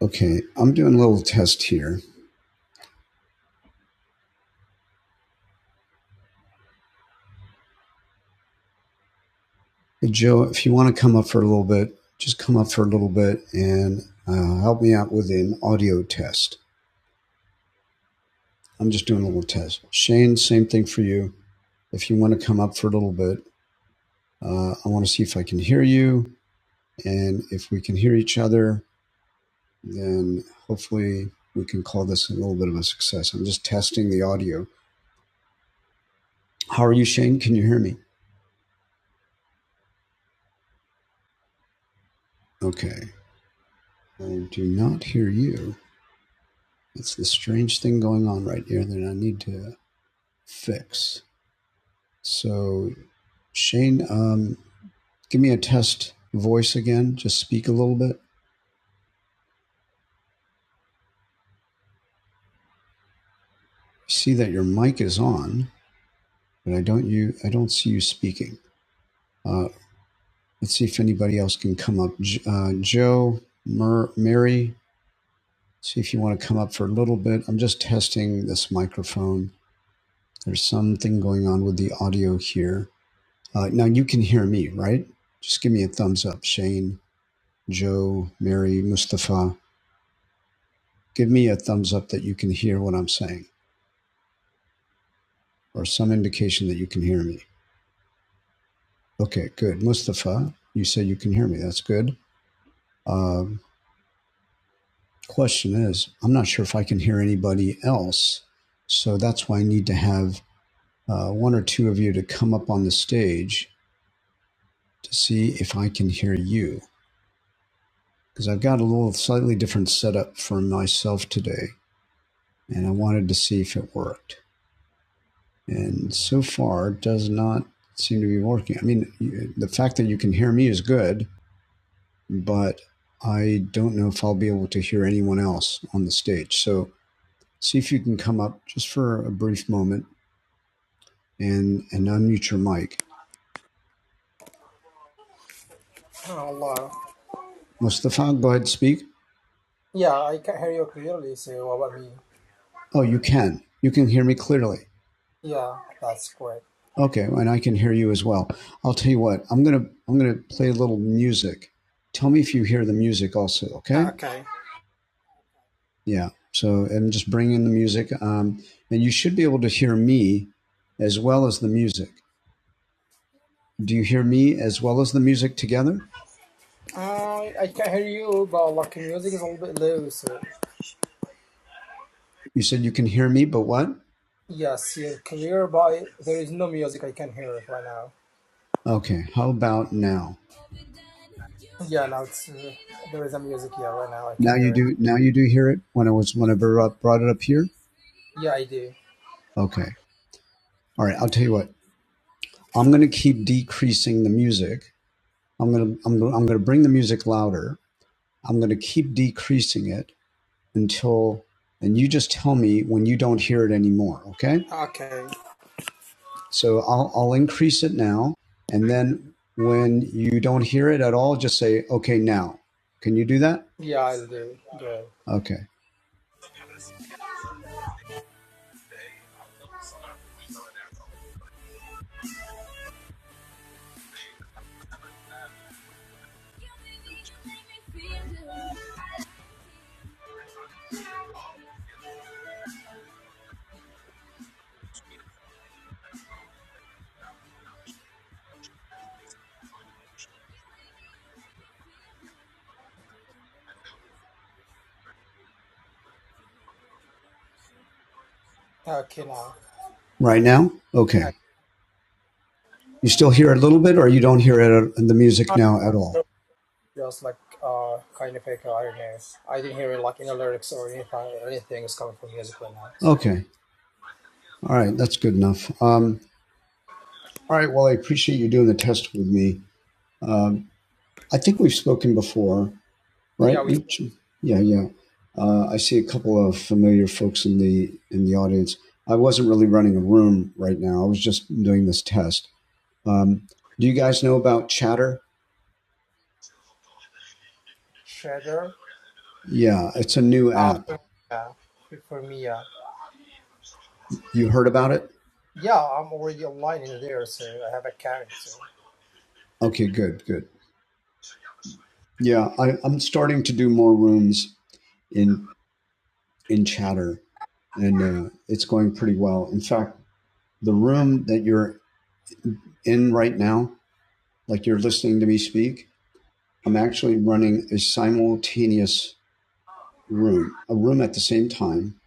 Okay, I'm doing a little test here. Hey, Joe, if you want to come up for a little bit, just come up for a little bit and uh, help me out with an audio test. I'm just doing a little test. Shane, same thing for you. If you want to come up for a little bit, uh, I want to see if I can hear you. And if we can hear each other, then hopefully we can call this a little bit of a success. I'm just testing the audio. How are you, Shane? Can you hear me? Okay. I do not hear you. it's this strange thing going on right here that I need to fix. So, Shane, um, give me a test voice again. Just speak a little bit. See that your mic is on, but I don't you I don't see you speaking. Uh, let's see if anybody else can come up. Uh, Joe, Mer, Mary, see if you want to come up for a little bit. I'm just testing this microphone. There's something going on with the audio here. Uh, now you can hear me, right? Just give me a thumbs up, Shane Joe, Mary, Mustafa, give me a thumbs up that you can hear what I'm saying or some indication that you can hear me. Okay, good. Mustafa, you said you can hear me. That's good. Um, question is, I'm not sure if I can hear anybody else. So that's why I need to have uh, one or two of you to come up on the stage to see if I can hear you. Because I've got a little slightly different setup for myself today, and I wanted to see if it worked. and so far does not seem to be working. I mean, the fact that you can hear me is good, but I don't know if I'll be able to hear anyone else on the stage. So see if you can come up just for a brief moment and, and unmute your mic. Oh Allah. Mustafa, go ahead and speak. Yeah, I can hear you clearly. So what about me? Oh, you can. You can hear me clearly. Yeah, that's great. Okay, and I can hear you as well. I'll tell you what. I'm gonna I'm gonna play a little music. Tell me if you hear the music also. Ah, Okay. Okay. Yeah. So I'm just bringing the music, um, and you should be able to hear me as well as the music. Do you hear me as well as the music together? I I can hear you, but like music is a little bit low. So You said you can hear me, but what? yes, you're clear, but there is no music I can hear it right now. Okay. How about now? Yeah, now it's uh, there is a music. here right now I can Now you hear it. do. Now you do hear it when I was when I brought it up here. Yeah, I do. Okay. All right. I'll tell you what. I'm going to keep decreasing the music. I'm going to I'm, going I'm going to bring the music louder. I'm going to keep decreasing it until and you just tell me when you don't hear it anymore. Okay. Okay. So I'll, I'll increase it now. And then when you don't hear it at all, just say, okay, now. Can you do that? Yeah, I do. Good. Okay. Okay, now. Right now? I, Okay. You still hear it a little bit or you don't hear it in the music I now at heard all? just like uh kind of echo. I don't know. I didn't hear it like in the lyrics or anything. Anything is coming from music right now. It's okay. Okay. All right. That's good enough. Um, all right. Well, I appreciate you doing the test with me. Um, I think we've spoken before, Yeah, right? we We've, yeah, yeah. Uh, I see a couple of familiar folks in the in the audience. I wasn't really running a room right now. I was just doing this test. Um, do you guys know about Chatter? Shredder? Yeah, it's a new Ah, app. for Mia. For Mia. You heard about it? Yeah, Yeah, I'm already online in there, so I have a character. Okay, good, good. Yeah, I, I'm starting to do more rooms in in Chatter, and uh, it's going pretty well. In fact, the room that you're in right now, like you're listening to me speak, I'm actually running a simultaneous room, a room at the same time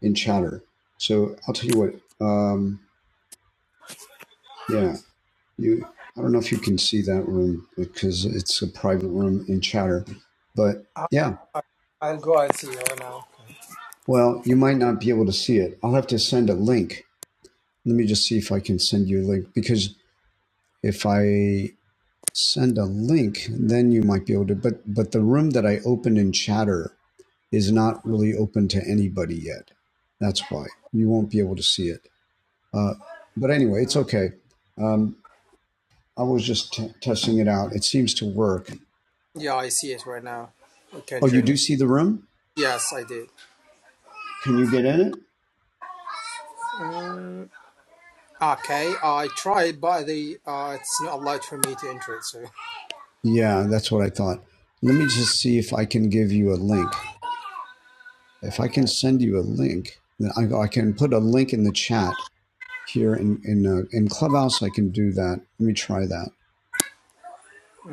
in Chatter. So I'll tell you what. Um, yeah, You, I don't know if you can see that room because it's a private room in Chatter, but Ah, yeah. I- I'll go and see it right now. Okay. Well, you might not be able to see it. I'll have to send a link. Let me just see if I can send you a link because if I send a link, then you might be able to. But but the room that I opened in Chatter is not really open to anybody yet. That's why you won't be able to see it. Uh, but anyway, it's okay. Um, I was just t- testing it out. It seems to work. Yeah, I see it right now. I can Oh, you join do it. see the room? Yes, I did. Can you get in it? Mm, Okay, I tried, but the uh, it's not allowed for me to enter it. So Yeah, that's what I thought. Let me just see if I can give you a link. If I can okay, send you a link, then I, I can put a link in the chat here in in uh, in Clubhouse. I can do that. Let me try that.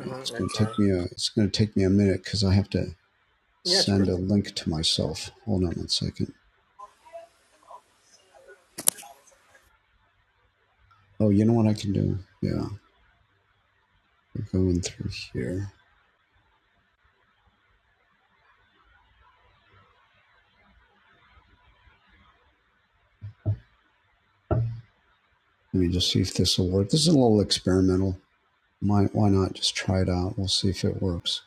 Yeah, It's going to okay. take me a it's going to take me a minute because I have to Yeah, to prevent send a link to myself. Hold on one second. Oh, you know what I can do? Yeah, we're going through here. Let me just see if this will work. This is a little experimental. Might why not just try it out? We'll see if it works.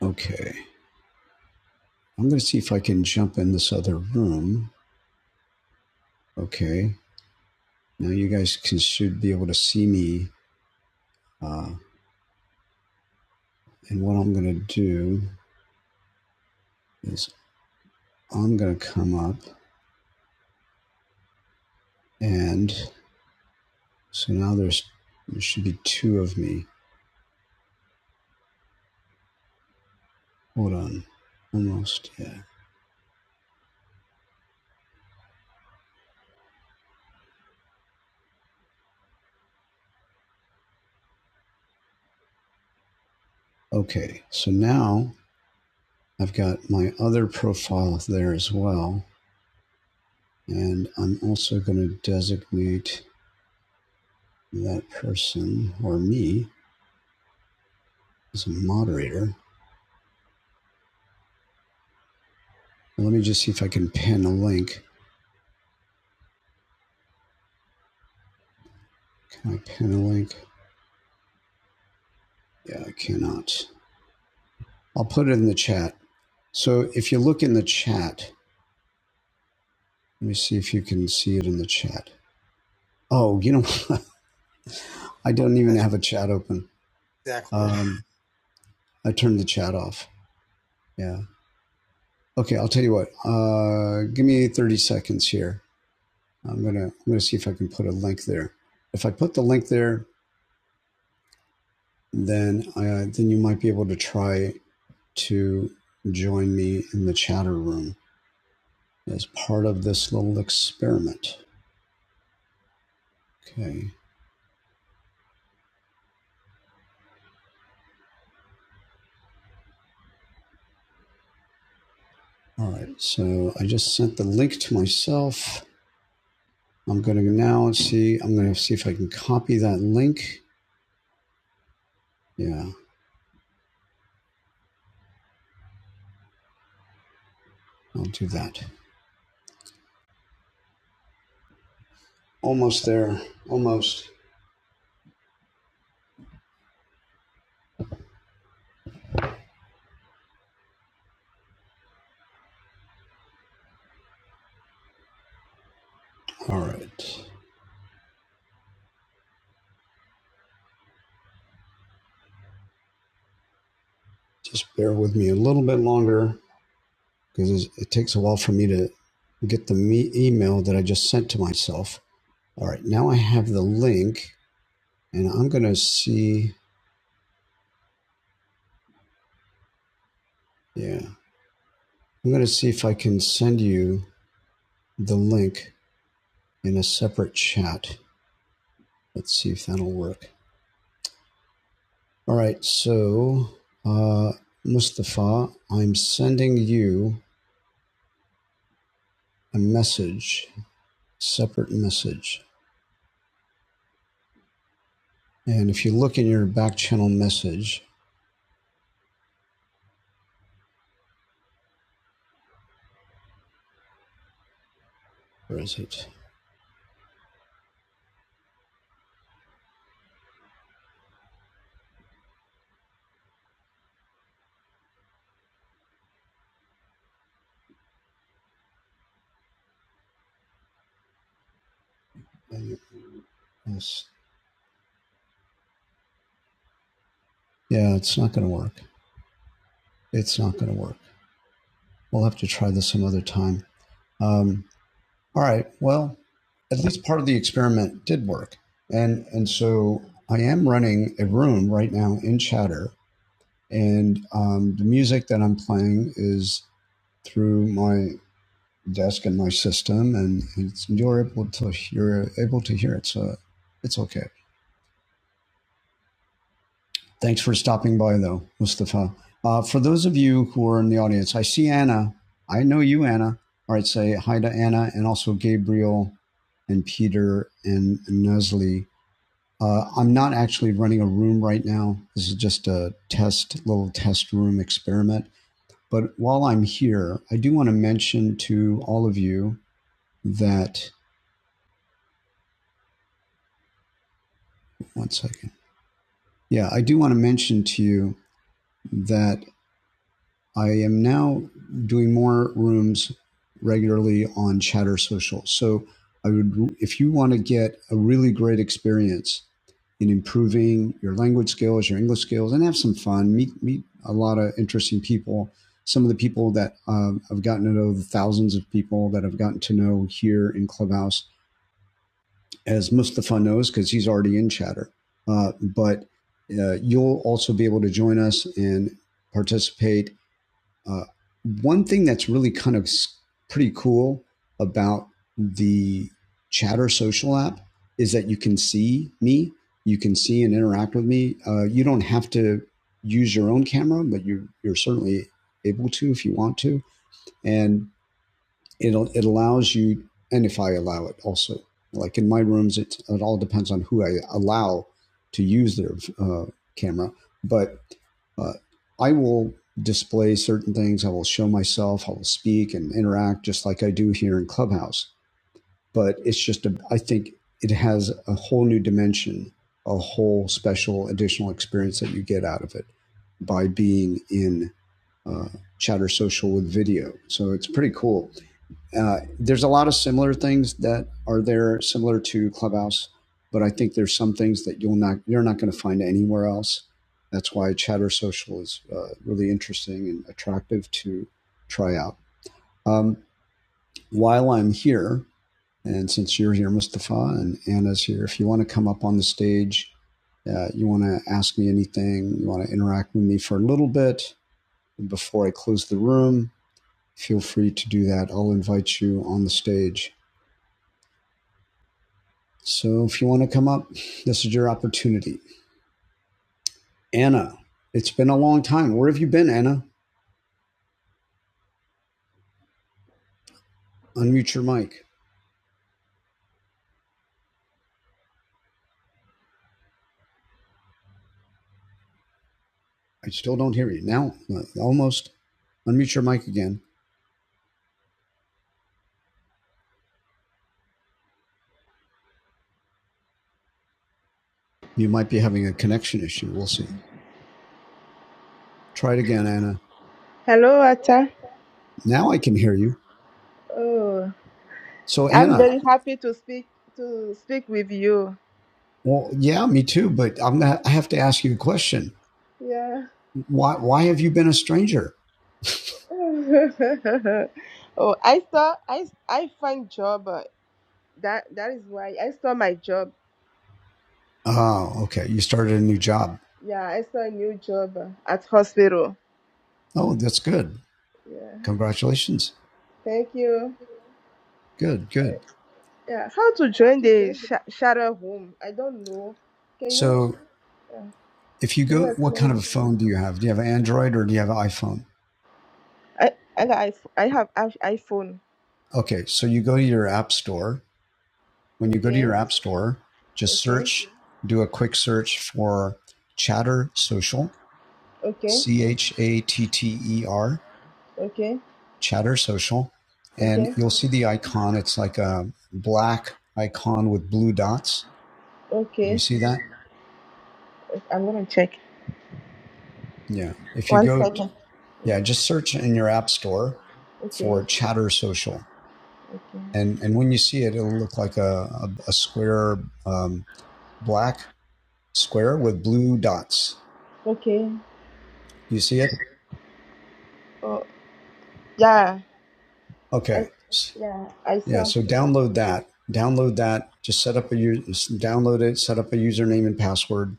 Okay. I'm going to see if I can jump in this other room. Okay. Now you guys can should be able to see me. Uh, and what I'm going to do is I'm going to come up and so now there's there should be two of me. Hold on. Almost. Yeah. Okay. So now I've got my other profile there as well. And I'm also going to designate that person or me as a moderator. let me just see if I can pin a link. Can I pin a link? Yeah, I cannot. I'll put it in the chat. So if you look in the chat, let me see if you can see it in the chat. Oh, you know, I don't even that have a chat open. exactly. Um, I turned the chat off. Yeah. Okay, I'll tell you what. Uh, give me 30 seconds here. I'm gonna I'm gonna see if I can put a link there. If I put the link there, then I, then you might be able to try to join me in the chatter room. as part of this little experiment. Okay. All right. So I just sent the link to myself. I'm going to now see, I'm going to see if I can copy that link. Yeah, I'll do that. Almost there. Almost. All right. Just bear with me a little bit longer because it takes a while for me to get the me- email that I just sent to myself. All right. Now I have the link and I'm going to see. Yeah. I'm going to see if I can send you the link in a separate chat. Let's see if that'll work. All right, so uh, Mustafa, I'm sending you a message, separate message. And if you look in your back channel message, where is it? Yes. Yeah, it's not going to work. It's not going to work. We'll have to try this some other time. Um, all right. Well, at least part of the experiment did work. And, and so I am running a room right now in Chatter And um, the music that I'm playing is through my desk and my system, and it's, you're able to you're able to hear it. So it's okay. Thanks for stopping by, though, Mustafa. Uh, for those of you who are in the audience, I see Anna. I know you, Anna. All right, say hi to Anna and also Gabriel and Peter and and Nesli. Uh, I'm not actually running a room right now. This is just a test, little test room experiment But while I'm here, I do want to mention to all of you that, one second. Yeah, I do want to mention to you that I am now doing more rooms regularly on Chatter Social. So I would, if you want to get a really great experience in improving your language skills, your English skills, and have some fun, meet meet a lot of interesting people. Some of the people that um, I've gotten to know, the thousands of people that I've gotten to know here in Clubhouse as Mustafa knows, because he's already in chatter. Uh, but uh, you'll also be able to join us and participate. Uh, one thing that's really kind of pretty cool about the Chatter social app is that you can see me, you can see and interact with me. Uh, you don't have to use your own camera, but you, you're certainly able to if you want to. And it'll it allows you and if i allow it also like in my rooms it, it all depends on who i allow to use their uh, camera but uh, i will display certain things i will show myself i will speak and interact just like i do here in clubhouse but it's just a, i think it has a whole new dimension a whole special additional experience that you get out of it by being in uh, chatter social with video so it's pretty cool uh, there's a lot of similar things that are there similar to Clubhouse, but I think there's some things that you'll not you're not going to find anywhere else. That's why Chatter Social is uh, really interesting and attractive to try out. Um, while I'm here, and since you're here, Mustafa, and Anna's here, if you want to come up on the stage, uh, you want to ask me anything, you want to interact with me for a little bit before I close the room, feel free to do that. I'll invite you on the stage So if you want to come up, this is your opportunity. Anna, it's been a long time. Where have you been, Anna? Unmute your mic. I still don't hear you. Now, uh, almost. Unmute your mic again. You might be having a connection issue. We'll see. Try it again, Anna. Hello, Acha. Now I can hear you. Oh, So, I'm very Anna, happy to speak to speak with you. well, yeah, me too, but I'm gonna, I have to ask you a question. Yeah. Why, why have you been a stranger? oh, I saw I I find job. uh, That that is why I saw my job. Oh, okay. You started a new job. Yeah, I saw a new job uh, at hospital. Oh, that's good. Yeah. Congratulations. Thank you. Good, good. Yeah. How to join the sh- shadow home? I don't know. Can you So, uh, If you can you go, what explain? kind of me? a phone do you have? Do you have an Android or do you have an iPhone? I I got iPh- I have iPh- iPhone. Okay, so you go to your app store. When you go to your Okay. app store, just Okay. search, do a quick search for Chatter Social, Okay. C H A T T E R, Okay. Chatter Social, and Okay. you'll see the icon. It's like a black icon with blue dots. Do you Okay. see that? I'm gonna check. Yeah. If you One go, second. Yeah. yeah, just search in your app store Okay. for Chatter Social Okay. and and when you see it, it'll look like a a, a square, um, black square with blue dots. Okay. You see it? Oh, yeah. Okay. I yeah. I Yeah. saw. So download that. Download that. Just set up a u- s- download it. Set up a username and password.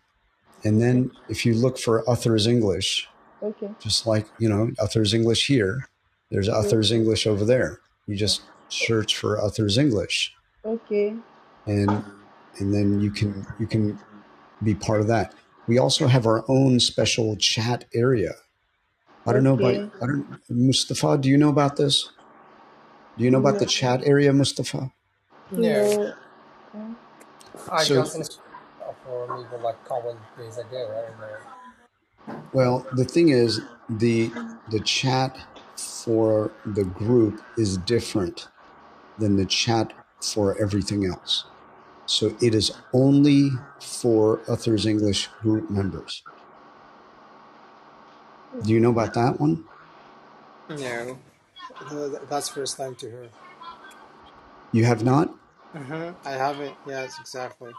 And Okay. then if you look for Uther's English, Okay. just like you know Uther's English here, there's Yes. Uther's English over there. You yeah. just search for Uther's English, Okay. and and then you can you can be part of that. We also have our own special chat area. I don't know about Okay. I don't Mustafa, do you know about this? Do you know about the No. chat area, Mustafa? No, No. Uh, I So just installed it for maybe like couple of days ago. I don't well, the thing is the the chat for the group is different than the chat for everything else. So it is only for Uthers English group members. Do you know Okay. about that one? know. No, th- th- that's first time to hear. You have not? Mm-hmm. I have not Yes, exactly.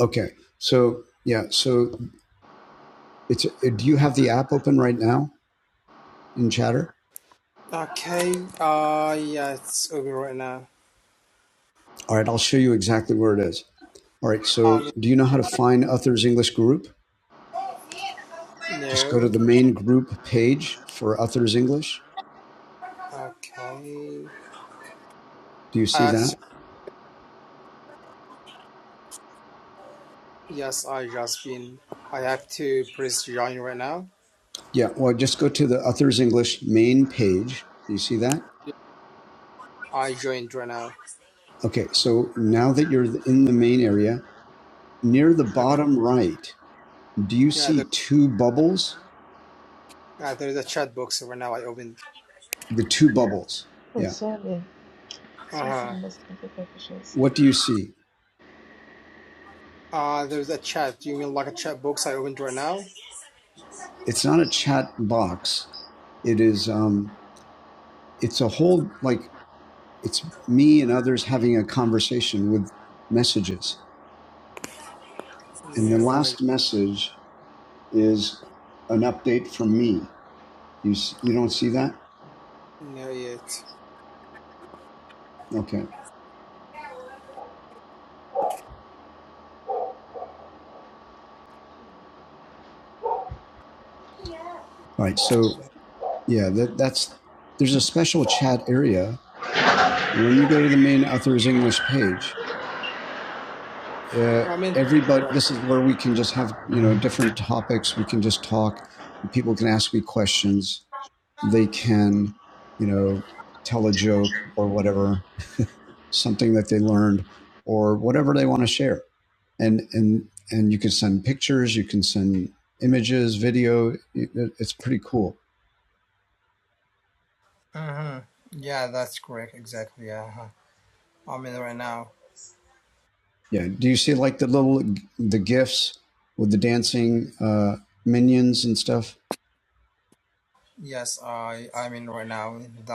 Okay. So yeah, so it's uh, do you have the app open right now? in Chatter? Okay. Uh, yeah, it's open right now. All right, I'll show you exactly where it is. All right, so Um, do you know how to find Uther's English group? Just go to No. the main group page for Uther's English. Okay. Do you I see have that? to, yes, I just been. I have to press join right now. Yeah, well, just go to the Uther's English main page. Do you see that? I joined right now. Okay, so now that you're in the main area, near the bottom right, do you Yeah, see there, two bubbles? uh, there's a chat box right now. I opened. The two bubbles. Oh, Yeah. sorry. Uh Sorry, for huh. the not take so. What do you see? Uh, there's a chat. Do You mean like a chat box I opened right now? It's not a chat box. It is um it's a whole like it's me and others having a conversation with messages. And the No, I, last message is an update from me. You s- you don't see that? no yet. Okay. All right. So yeah, that that's there's a special chat area when you go to the main authors English page. Uh, I mean, everybody, right. this is where we can just have you know different topics. We can just talk. People can ask me questions. They can, you know, tell a joke or whatever something that they learned or whatever they want to share and and and you can send pictures you can send images video It- it's pretty cool Uh huh. Yeah, that's correct. Exactly. Uh huh. I'm in right now. yeah do you see like the little the gifs with the dancing uh minions and stuff Yes, I I mean right now the the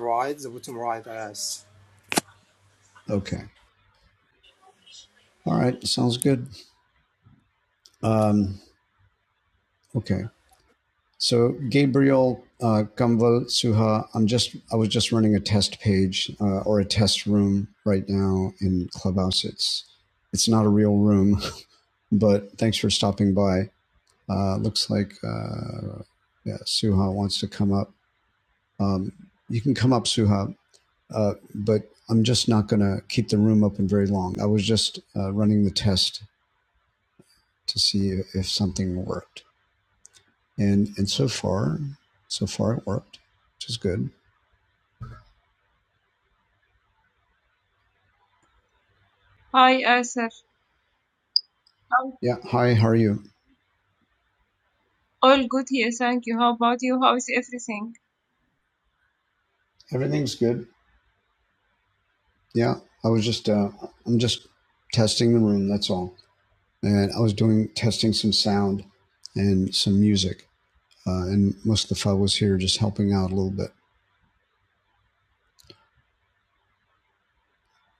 right, the bottom right, yes. okay all right sounds good um okay so gabriel uh kamval suha i'm just i was just running a test page uh, or a test room right now in clubhouse it's it's not a real room But thanks for stopping by. Uh, looks like uh, yeah, Suha wants to come up. Um, you can come up, Suha, uh, but I'm just not going to keep the room open very long. I was just uh, running the test to see if something worked, and and so far, so far it worked, which is good. Hi, Asif. How? Yeah. Hi. How are you? All good here, thank you. How about you? How is everything? Everything's good. Yeah. I was just uh, I'm just testing the room. That's all. And I was doing testing some sound and some music uh, and Mustafa was here just helping out a little bit.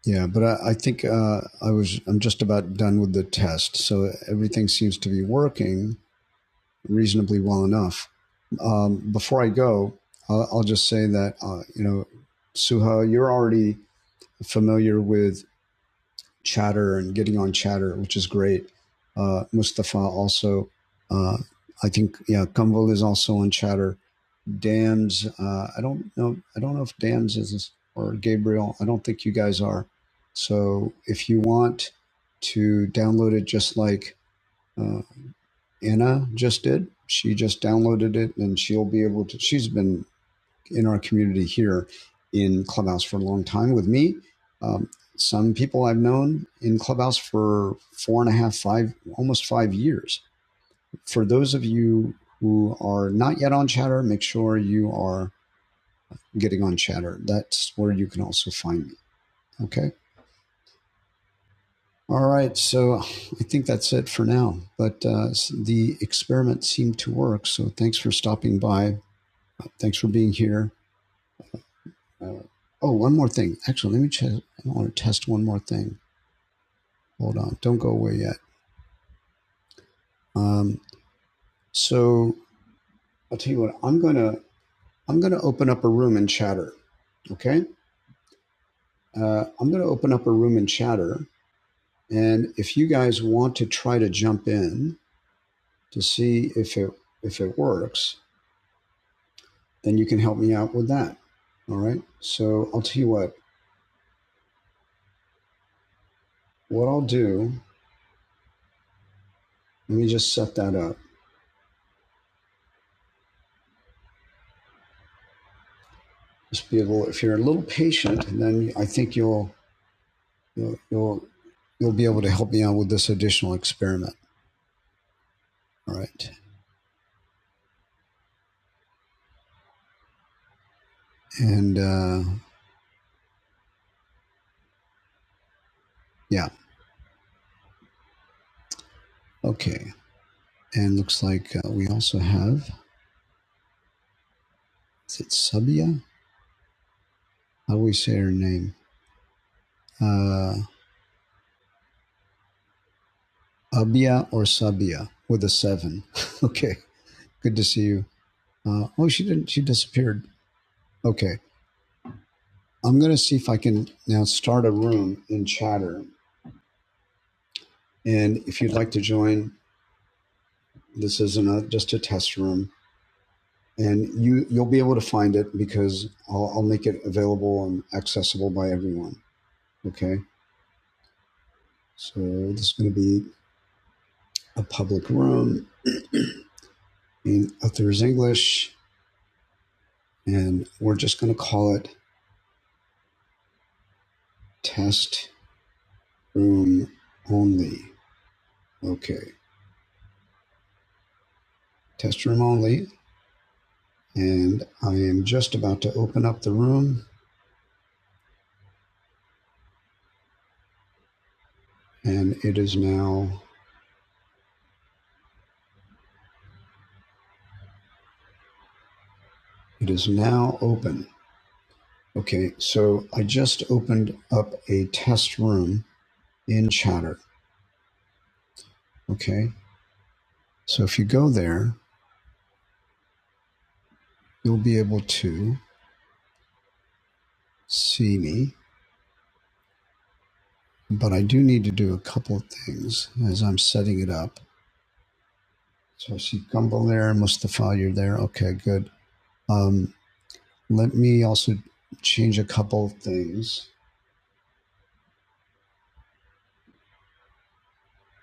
Yeah, but I, I think uh, I was I'm just about done with the test, so everything seems to be working reasonably well enough. Um, before I go, I'll, I'll just say that uh, you know, Suha, you're already familiar with Chatter and getting on Chatter, which is great. Uh, Mustafa also, uh, I think, yeah, Kumval is also on Chatter Dan's. Uh, I don't know. I don't know if Dan's is or Gabriel. I don't think you guys are. So if you want to download it, just like uh, Anna just did, she just downloaded it, and she'll be able to. She's been in our community here in Clubhouse for a long time with me. Um, some people I've known in Clubhouse for four and a half, five, almost five years. For those of you who are not yet on Chatter, make sure you are getting on chatter. That's where you can also find me. Okay. All right. So I think that's it for now. But uh, the experiment seemed to work. So thanks for stopping by. Thanks for being here. Uh, oh, one more thing. Actually, let me check. I want to test one more thing. Hold on. Don't go away yet. Um, so I'll tell you what. I'm gonna I'm gonna open up a room in chatter. Okay. Uh, I'm gonna open up a room in chatter. And if you guys want to try to jump in, to see if it if it works, then you can help me out with that. All right. So I'll tell you what. What I'll do. Let me just set that up. Just be able. If you're a little patient, then I think you'll you'll you'll, you'll be able to help me out with this additional experiment. All right. And uh, yeah. Okay. And looks like uh, we also have. Is it Sabia? How do we say her name? Uh, Abia or Sabia with a seven. okay. Good to see you. Uh, oh, she didn't. She disappeared. Okay. I'm going to see if I can now start a room in Chatter. And if you'd like to join, this isn't a, just a test room. And you, you'll be able to find it because I'll, I'll make it available and accessible by everyone. Okay. So this is going to be a public room in Uther's English. And we're just going to call it test room only. Okay. Test room only. and I am just about to open up the room and it is now it is now open. Okay, so I just opened up a test room in Chatter. Okay, so if you go there, you'll be able to see me, but I do need to do a couple of things as I'm setting it up. So I see Gumble there, Mustafa, you're there. Okay, good. Um, let me also change a couple of things.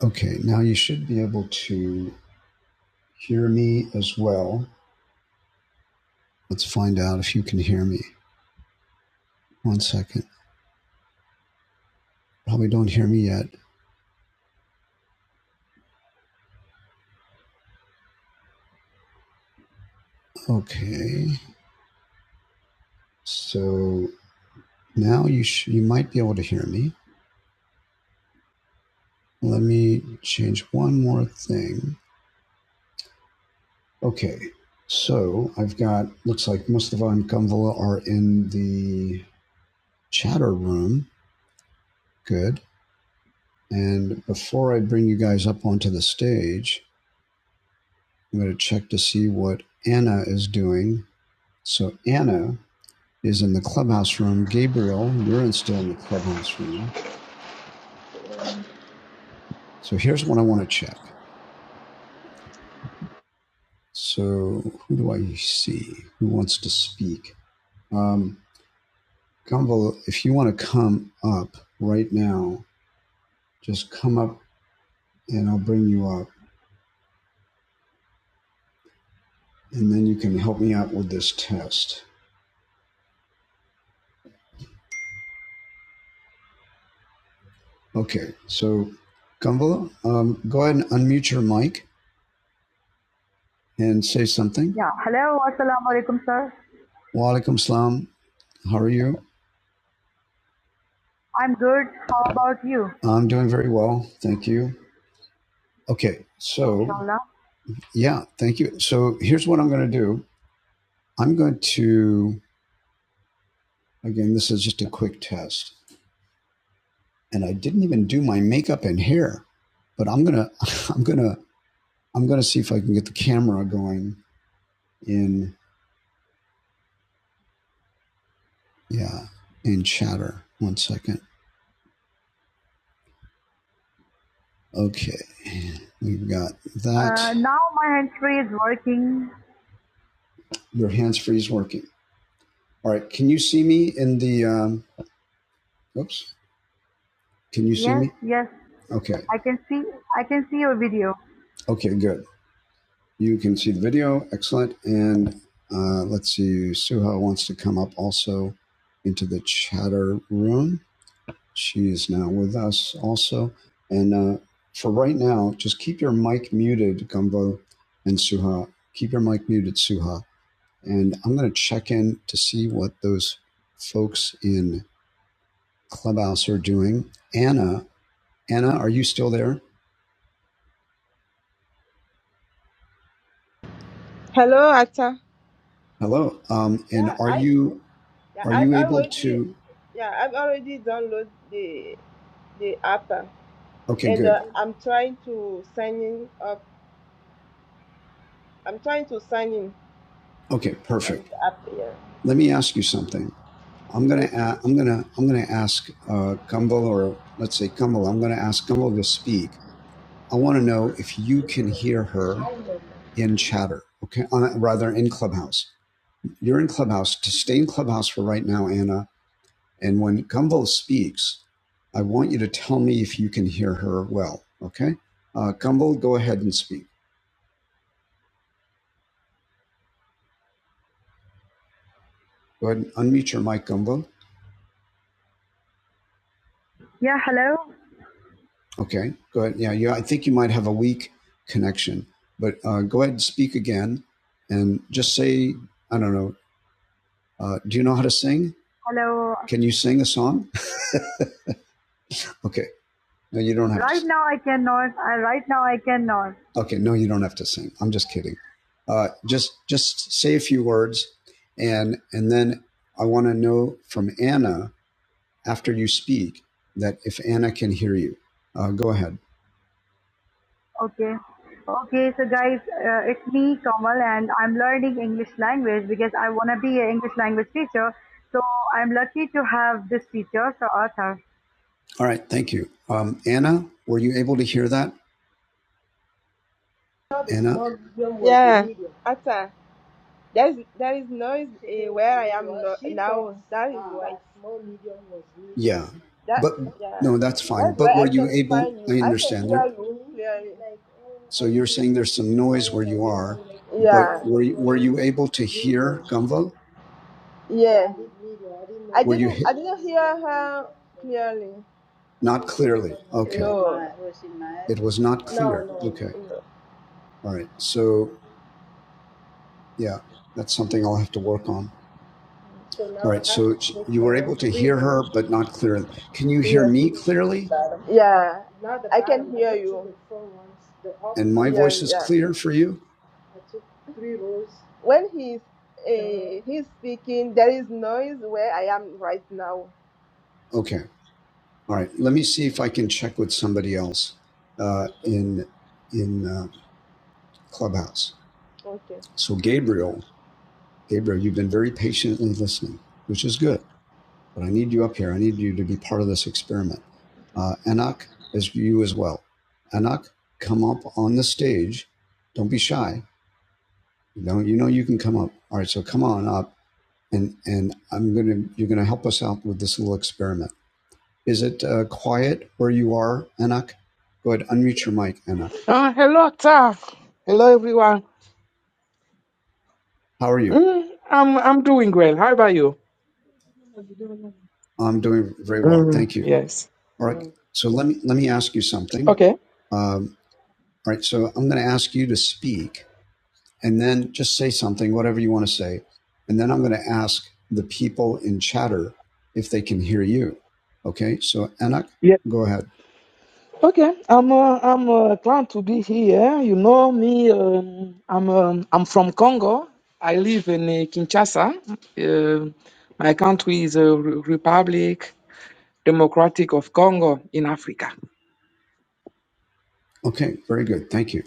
Okay, now you should be able to hear me as well. Let's find out if you can hear me. One second. Probably don't hear me yet. Okay. So now you sh- you might be able to hear me. Let me change one more thing. Okay. So I've got looks like Mustafa and Kamvala are in the chatter room. Good. And before I bring you guys up onto the stage, I'm going to check to see what Anna is doing. So Anna is in the clubhouse room. Gabriel, you're still in the clubhouse room. So here's what I want to check. So who do I see? Who wants to speak? Um, Gumbel, if you want to come up right now, just come up and I'll bring you up, and then you can help me out with this test. Okay. So Gumbel, um, go ahead and unmute your mic and say something. Yeah. Hello. Assalamu alaikum, sir. Walaikum salam. How are you? I'm good. How about you, I'm doing very well. Thank you. Okay. So, yeah, thank you. So, here's what I'm going to do I'm going to, again, this is just a quick test. And I didn't even do my makeup and hair, but I'm going to, I'm going to, I'm going to see if I can get the camera going in, yeah, in chatter. One second. Okay. We've got that. Uh, now my hands free is working. Your hands free is working. All right. Can you see me in the, um, Oops. Can you see Yes, me? yes. Okay. I can see I can see your video. Okay, good. You can see the video. Excellent. And uh, let's see, Suha wants to come up also into the chatter room. She is now with us also. And uh, for right now, just keep your mic muted, Gumbo and Suha. Keep your mic muted, Suha. And I'm going to check in to see what those folks in Clubhouse are doing. Anna Anna, are you still there? Hello, actor. Hello. Um, and Yeah, are I you yeah are I've you able already to? yeah I've already downloaded the the app uh, Okay, and uh, good. I'm trying to sign in up. I'm trying to sign in. Okay, perfect. only up there. Let me ask you something. I'm gonna i Okay. am I'm gonna I'm gonna ask uh, Gumbel or let's say Gumbel. I'm gonna ask Gumbel to speak. I want to know if you can hear her Now in chatter. Okay, uh, rather in Clubhouse. You're in Clubhouse. To stay in Clubhouse for right now, Anna. And when Gumbel speaks, I want you to tell me if you can hear her well. Okay, uh, Gumbel, go ahead and speak. Go ahead and unmute your mic, Gumbel. Yeah, hello. Okay, go ahead. Yeah, yeah. I think you might have a weak connection, but uh, go ahead and speak again, and just say, I don't know. Uh, do you know how to sing? Hello. Can you sing a song? Okay. No, you don't have. right To, Right now I cannot. I right now I cannot. okay, no, you don't have to sing. I'm just kidding. Uh, just just say a few words, and and then I want to know from Anna after you speak that if Anna can hear you. Uh, go ahead. Okay. Okay, so guys, uh, it's me, Kamal, and I'm learning English language because I want to be an English language teacher. So I'm lucky to have this teacher, Sir Arthur. All right, thank you. Um, Anna, were you able to hear that? the Anna? small, medium was the Yeah, medium. after there is there is noise uh, where I am medium. no, now. thought That is ah, why that small, medium was medium. Yeah. that But yeah no, that's fine. that's But why were I you can able? find I you. I can understand there. hear you clearly. Like, oh, I So you're want it saying there's some noise smaller where than you this. are, I'm like, okay, but Yeah, were you, were you able to hear medium. So Kamal? yeah. I Were didn't I didn't I you didn't hear her clearly. I Not told them to clearly. come on. No, Okay. Was mad. Was she mad? It was not no, clear. no. Okay. no. All right. So, yeah, that's something I'll have to work on. So All now right. I have to So take you were down able to three hear her, lines. but not clearly. Can you hear Yeah. me clearly? Yeah. Now the I can bottom, hear just took you. the four ones. The up, And my Hear voice is yeah. clear for you? I took three rows When he's uh, he's speaking, there is noise where I am right now. Okay. All right. Let me see if I can check with somebody else uh, Okay. in in um, Clubhouse. Okay. So Gabriel, Gabriel, you've been very patiently listening, which is good. but I need you up here. I need you to be part of this experiment. Uh, Anak is you as well. Anak, come up on the stage. Don't be shy. You know, you know you can come up. All right, so come on up, and and I'm gonna you're gonna help us out with this little experiment. Is it uh, quiet where you are, Anak? Go ahead, unmute your mic, Anak. Uh, hello, Taf. Hello, everyone. How are you? Mm, I'm I'm doing well. How about you? I'm doing very well, Mm, thank you. yes. All right, so let me let me ask you something. Okay. Um, all right, so I'm going to ask you to speak and then just say something, whatever you want to say. And then I'm going to ask the people in chatter if they can hear you. Okay, so Anak, Yeah. go ahead. Okay. I'm uh, I'm uh, glad to be here. You know me. Um, I'm um, I'm from Congo. I live in uh, Kinshasa. Um my country is uh, Re- Republic Democratic of Congo in Africa. Okay, very good. Thank you.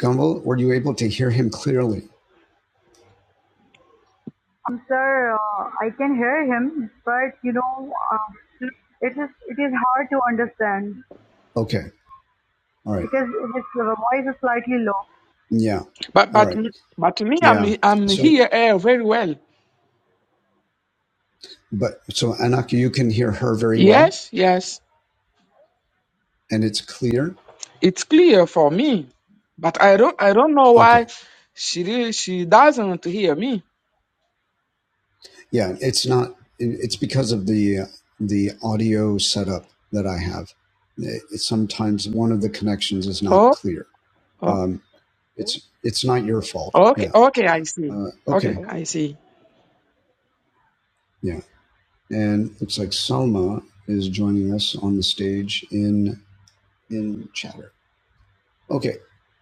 Gumbel, were you able to hear him clearly? Um, sir, uh, I can hear him, but you know, uh, it is it is hard to understand Okay, all right. because his voice is slightly low. Yeah, But all but right. but me, I'm Yeah. I'm So, here uh, very well. but so Anak, you can hear her very well Yes. Yes. and it's clear. it's clear for me, but I don't I don't know Okay. why she really, she doesn't hear me. Yeah, it's not. It's because of the the audio setup that I have. It, sometimes one of the connections is not Oh, clear. oh, Um, it's it's not your fault. okay, Yeah. okay, I see. Uh, Okay, okay. I see. Yeah. And looks like Salma is joining us on the stage in in chatter. Okay.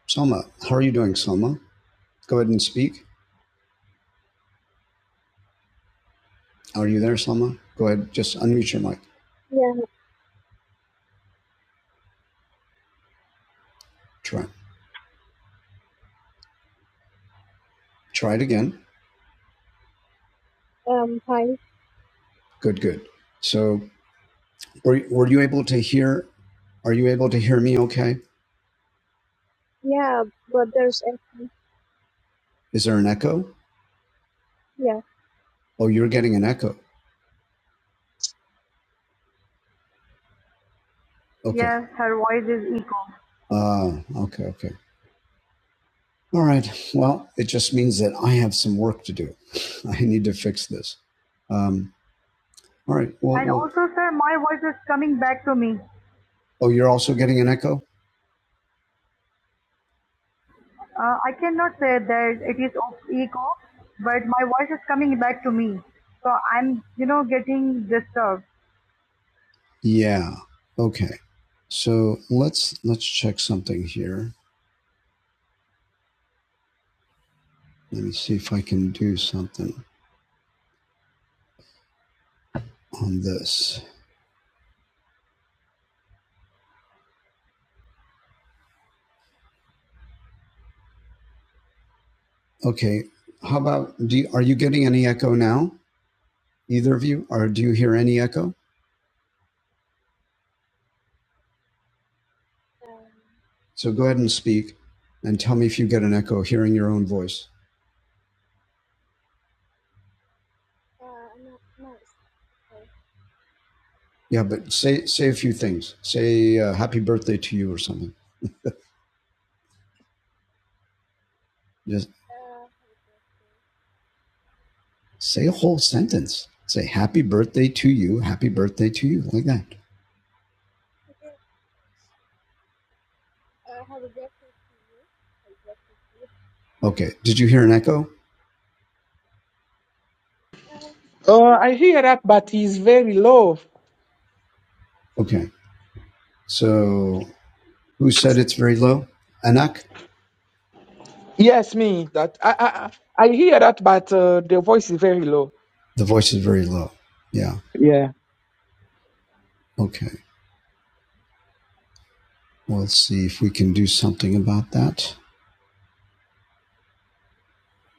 Salma, how are you doing, Salma? Go ahead and speak. Are you there, Salma? Go ahead. Just unmute your mic. Try. Try it again. Good. Good. So Were, were you able to hear? Are you able to hear me okay? Is there an echo? Oh, you're getting an echo. Okay. Yes, her voice is echo. Ah, okay, okay. All right. Well, it just means that I have some work to do. I need to fix this. Um, all right. Well, And well, also, sir, my voice is coming back to me. oh, you're also getting an echo? Uh, I cannot say that it is of echo, but my voice is coming back to me. So I'm, you know, getting disturbed. Yeah. Okay. So let's let's check something here. Let me see if I can do something on this. Okay. How about do you, are you getting any echo now? Either of you? Or do you hear any echo? No. So go ahead and speak and tell me if you get an echo hearing your own voice. Yeah, but say say a few things. Say uh, happy birthday to you or something. Just say a whole sentence. Say happy birthday to you, happy birthday to you, like that. Okay. Did you hear an echo? Oh, I hear that, but it's very low. Okay. So who said it's very low? Anak? Yes, me that I I I I hear that, but uh, the voice is very low. The voice is very low. Yeah. Yeah. Okay. Well, let's see if we can do something about that.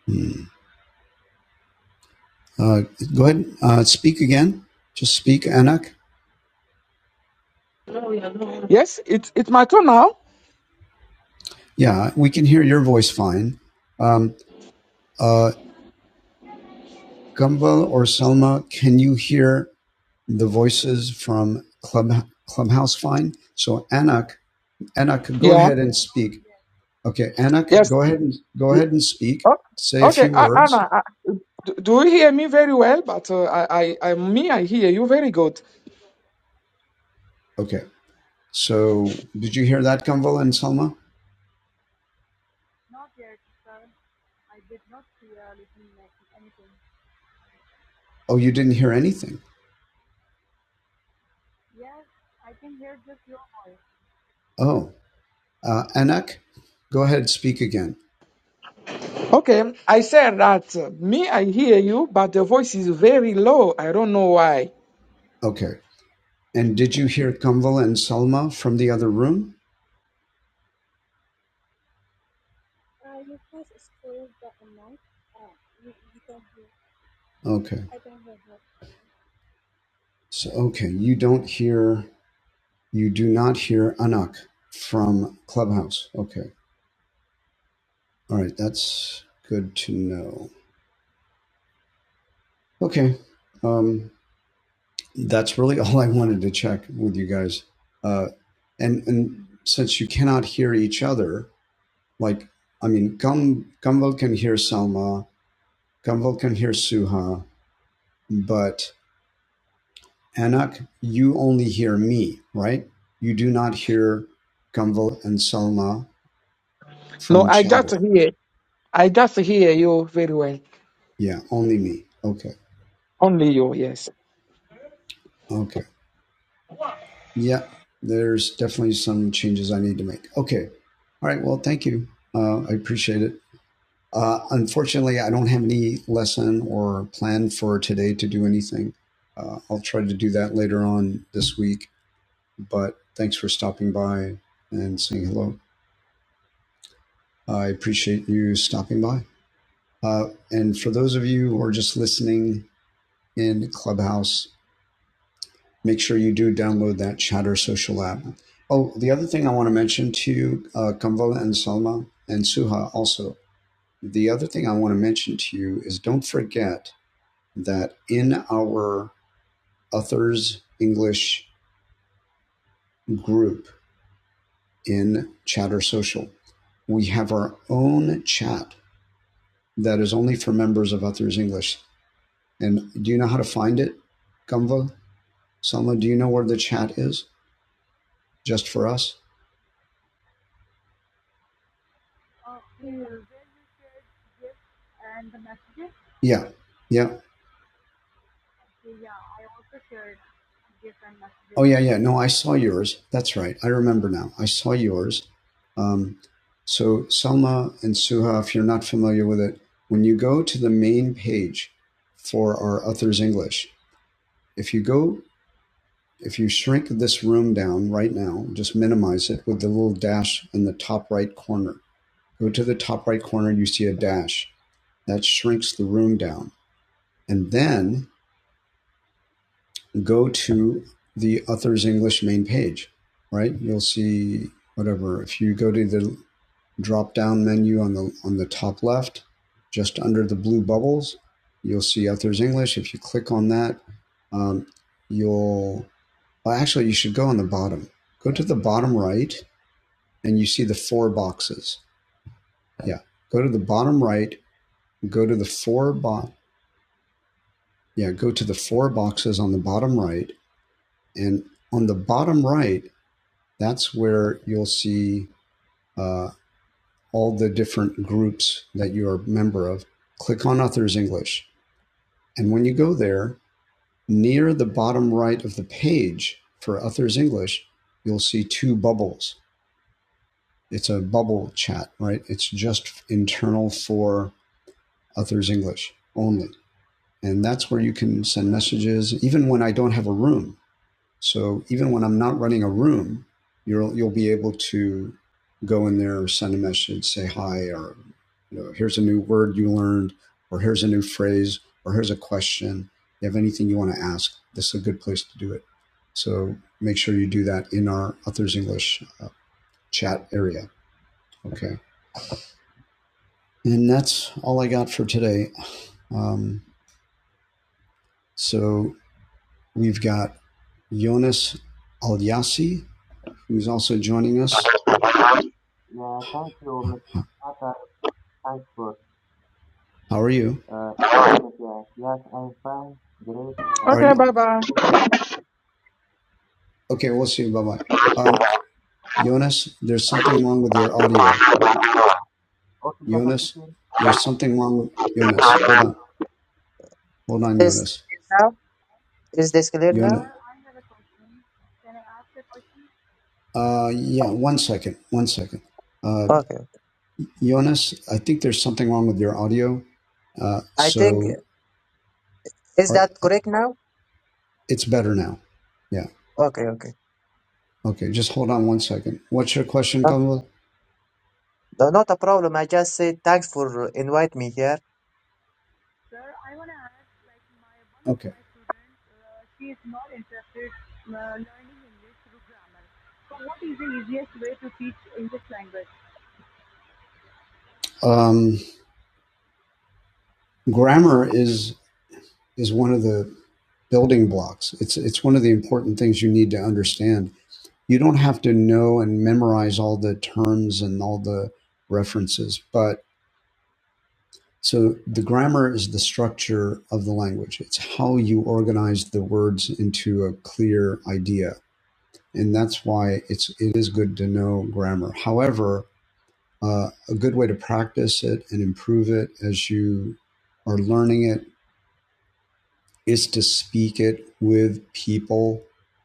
Hmm. Uh, go ahead. Uh, speak again. Just speak, Anak. Yes, it's it's my turn now. Yeah, we can hear your voice fine. Um, uh, Gumbel or Selma, can you hear the voices from Club, Clubhouse fine? So Anak, Anak, go Yeah. ahead and speak. Okay, Anak, Yes. go ahead and go ahead and speak. Oh, Say a okay, few A- words. Anna, I- do do you hear me very well? But uh, I, I, I, me, I hear you very good. Okay. So, did you hear that, Kamval and Salma? Not yet, sir. I did not hear like anything. Oh, you didn't hear anything. Yes, I can hear just your voice. Oh, uh, Anak, go ahead, speak again. Okay, I said that uh, me, I hear you, but the voice is very low. I don't know why. Okay. And did you hear Kamval and Salma from the other room? Okay. So, okay, you don't hear, you do not hear Anak from Clubhouse. Okay. All right, that's good to know. Okay. Um, That's really all I wanted to check with you guys. Uh, and and since you cannot hear each other, like I mean, Gum Gumvel can hear Selma, Gumvel can hear Suha, but Anak, you only hear me, right? You do not hear Gumvel and Selma No, from I just chatter. hear, I just hear you very well. Yeah, only me. Okay. Only you, yes. Okay. Yeah, there's definitely some changes I need to make. Okay. All right. Well, thank you. Uh, I appreciate it. Uh, unfortunately, I don't have any lesson or plan for today to do anything. Uh, I'll try to do that later on this week, but thanks for stopping by and saying hello. I appreciate you stopping by. Uh, and for those of you who are just listening in Clubhouse, make sure you do download that Chatter Social app. Oh, the other thing I want to mention to you, uh, Kamvala and Salma and Suha also, the other thing I want to mention to you is don't forget that in our Authors English group in Chatter Social, we have our own chat that is only for members of Authors English. And do you know how to find it, Gumvo? Selma, do you know where the chat is just for us? Uh, the users, and the messages. Yeah, yeah. Yeah, I also shared different messages Oh yeah, yeah. No, I saw yours. That's right. I remember now. I saw yours. Um, so Selma and Suha, if you're not familiar with it, when you go to the main page for our authors' English, if you go, if you shrink this room down right now, just minimize it with the little dash in the top right corner. Go to the top right corner, you see a dash that shrinks the room down, and then go to the author's English main page, right? You'll see whatever. If you go to the drop down menu on the on the top left, just under the blue bubbles, you'll see author's English. If you click on that, um, you'll well, actually you should go on the bottom. Go to the bottom right, and you see the four boxes. Yeah, go to the bottom right. Go to the four box. Yeah, go to the four boxes on the bottom right, and on the bottom right that's where you'll see uh, all the different groups that you are a member of. Click on Authors English. And when you go there, near the bottom right of the page for Authors English, you'll see two bubbles. It's a bubble chat, right? It's just internal for Authors English only. And that's where you can send messages, even when I don't have a room. So even when I'm not running a room, you'll you'll be able to go in there or send a message, say hi, or you know, here's a new word you learned, or here's a new phrase, or here's a question. If You have anything you want to ask? This is a good place to do it. So make sure you do that in our Authors English uh, chat area. Okay, and that's all I got for today. Um, so we've got Jonas Alyasi, who's also joining us. Yeah, thank you, Mr. Carter. Thanks for How are you? uh, inviting me here. Yes, I'm fine, great, Are and Okay, you what? bye bye. okay? We'll see. Bye bye. Um, Jonas, there's something wrong with your audio. Okay, just a Jonas, second. there's something wrong with Jonas. Hold on. Hold on, This Jonas. now is this clear Jonas. now? Uh, yeah, one second. One second. Uh, Okay. Jonas, I think there's something wrong with your audio. Uh, I think so is are, that are- correct now? it's better now. Yeah. Okay, okay. Okay. Just hold on one second. What's your question, Kamala? Not, not a problem. I just said thanks for invite me here. Sir, I want to ask, like, my one Okay. of Okay. my students, uh, she is not interested uh, learning English through grammar. So, what is the easiest way to teach English language? Um, grammar is is one of the building blocks. It's it's one of the important things you need to understand. You don't have to know and memorize all the terms and all the references, but so the grammar is the structure of the language. It's how you organize the words into a clear idea. and that's why it's it is good to know grammar. However, uh, a good way to practice it and improve it as you are learning it is to speak it with people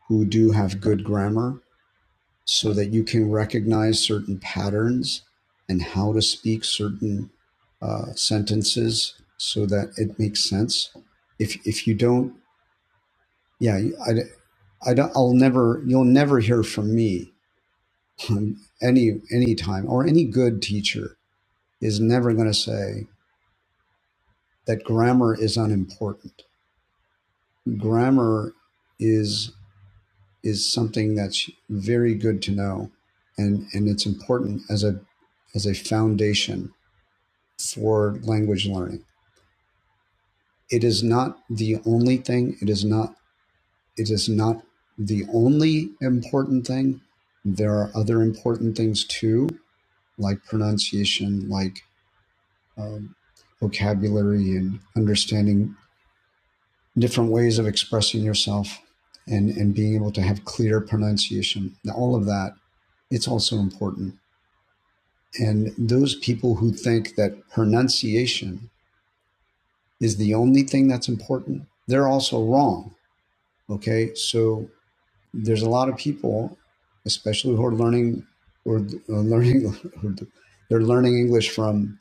who do have good grammar, so that you can recognize certain patterns and how to speak certain uh, sentences, so that it makes sense. If if you don't, yeah, I, I don't, I'll never, you'll never hear from me any any time or any good teacher is never going to say that grammar is unimportant grammar is is something that's very good to know and and it's important as a as a foundation for language learning it is not the only thing it is not it is not the only important thing there are other important things too like pronunciation like um, vocabulary and understanding different ways of expressing yourself and, and being able to have clear pronunciation. Now, all of that, it's also important. And those people who think that pronunciation is the only thing that's important, they're also wrong. Okay. So there's a lot of people, especially who are learning or uh, learning, they're learning English from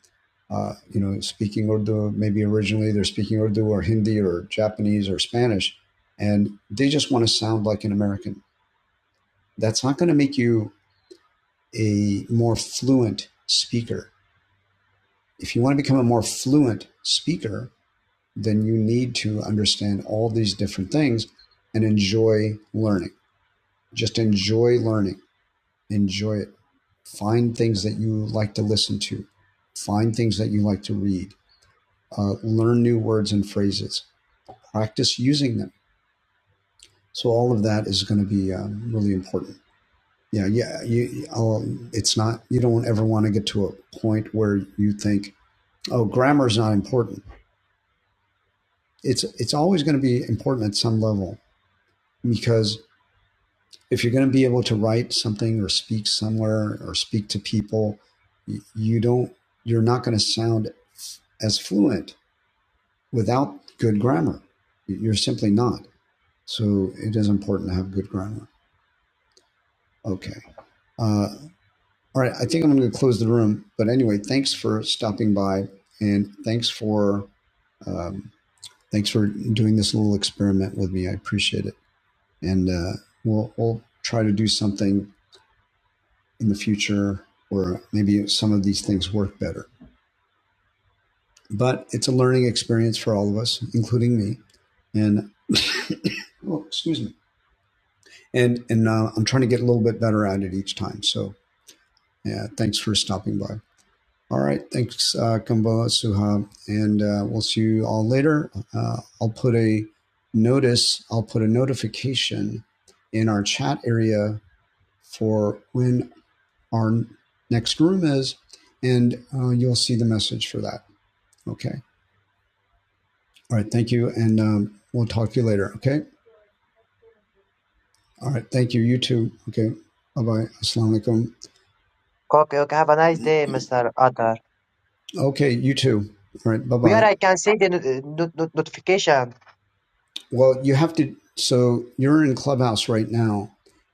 uh, you know, speaking Urdu, maybe originally they're speaking Urdu or Hindi or Japanese or Spanish, and they just want to sound like an American. That's not going to make you a more fluent speaker. If you want to become a more fluent speaker, then you need to understand all these different things and enjoy learning. Just enjoy learning, enjoy it. Find things that you like to listen to, find things that you like to read, uh, learn new words and phrases practice using them. So all of that is going to be um, really important. Yeah, yeah. You, I'll, it's not. You don't ever want to get to a point where you think, "Oh, grammar is not important." It's it's always going to be important at some level because if you're going to be able to write something or speak somewhere or speak to people, you don't. You're not going to sound as fluent without good grammar. You're simply not. So it is important to have good grammar. Okay. Uh, All right, I think I'm going to close the room. But anyway, thanks for stopping by, and thanks for um, thanks for doing this little experiment with me. I appreciate it, and uh, we'll we'll try to do something in the future where maybe some of these things work better. But it's a learning experience for all of us, including me, and oh, excuse me, and and uh, I'm trying to get a little bit better at it each time. So yeah, thanks for stopping by. All right. Thanks, uh, Kumbo Suha. And uh, we'll see you all later. Uh, I'll put a notice, I'll put a notification in our chat area for when our next room is, and uh, you'll see the message for that. Okay. All right. Thank you. And um, we'll talk to you later. Okay. All right. Thank you. You too. Okay. Bye bye. Assalamu alaikum. Okay, okay. Have a nice day, Mr. Atar. Okay. You too. All right. Bye Where bye. I can see the uh, not, not, notification. Well, you have to. So you're in Clubhouse right now,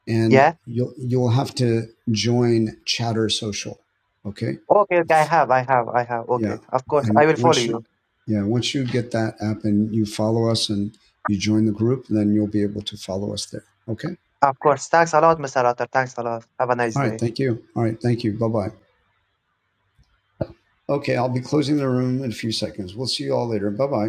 and Yeah. you'll you'll have to join Chatter Social. Okay. Okay, okay. I have, I have, I have. Yeah. Okay. Of course, I And will follow once you, you. yeah, once you get that app and you follow us and you join the group, then you'll be able to follow us there. Okay. Of course. Thanks a lot, Mr. Atar. Thanks a lot. Have a nice All day. right. Thank you. All right. Thank you. Bye bye. Okay. I'll be closing the room in a few seconds. We'll see you all later. Bye bye.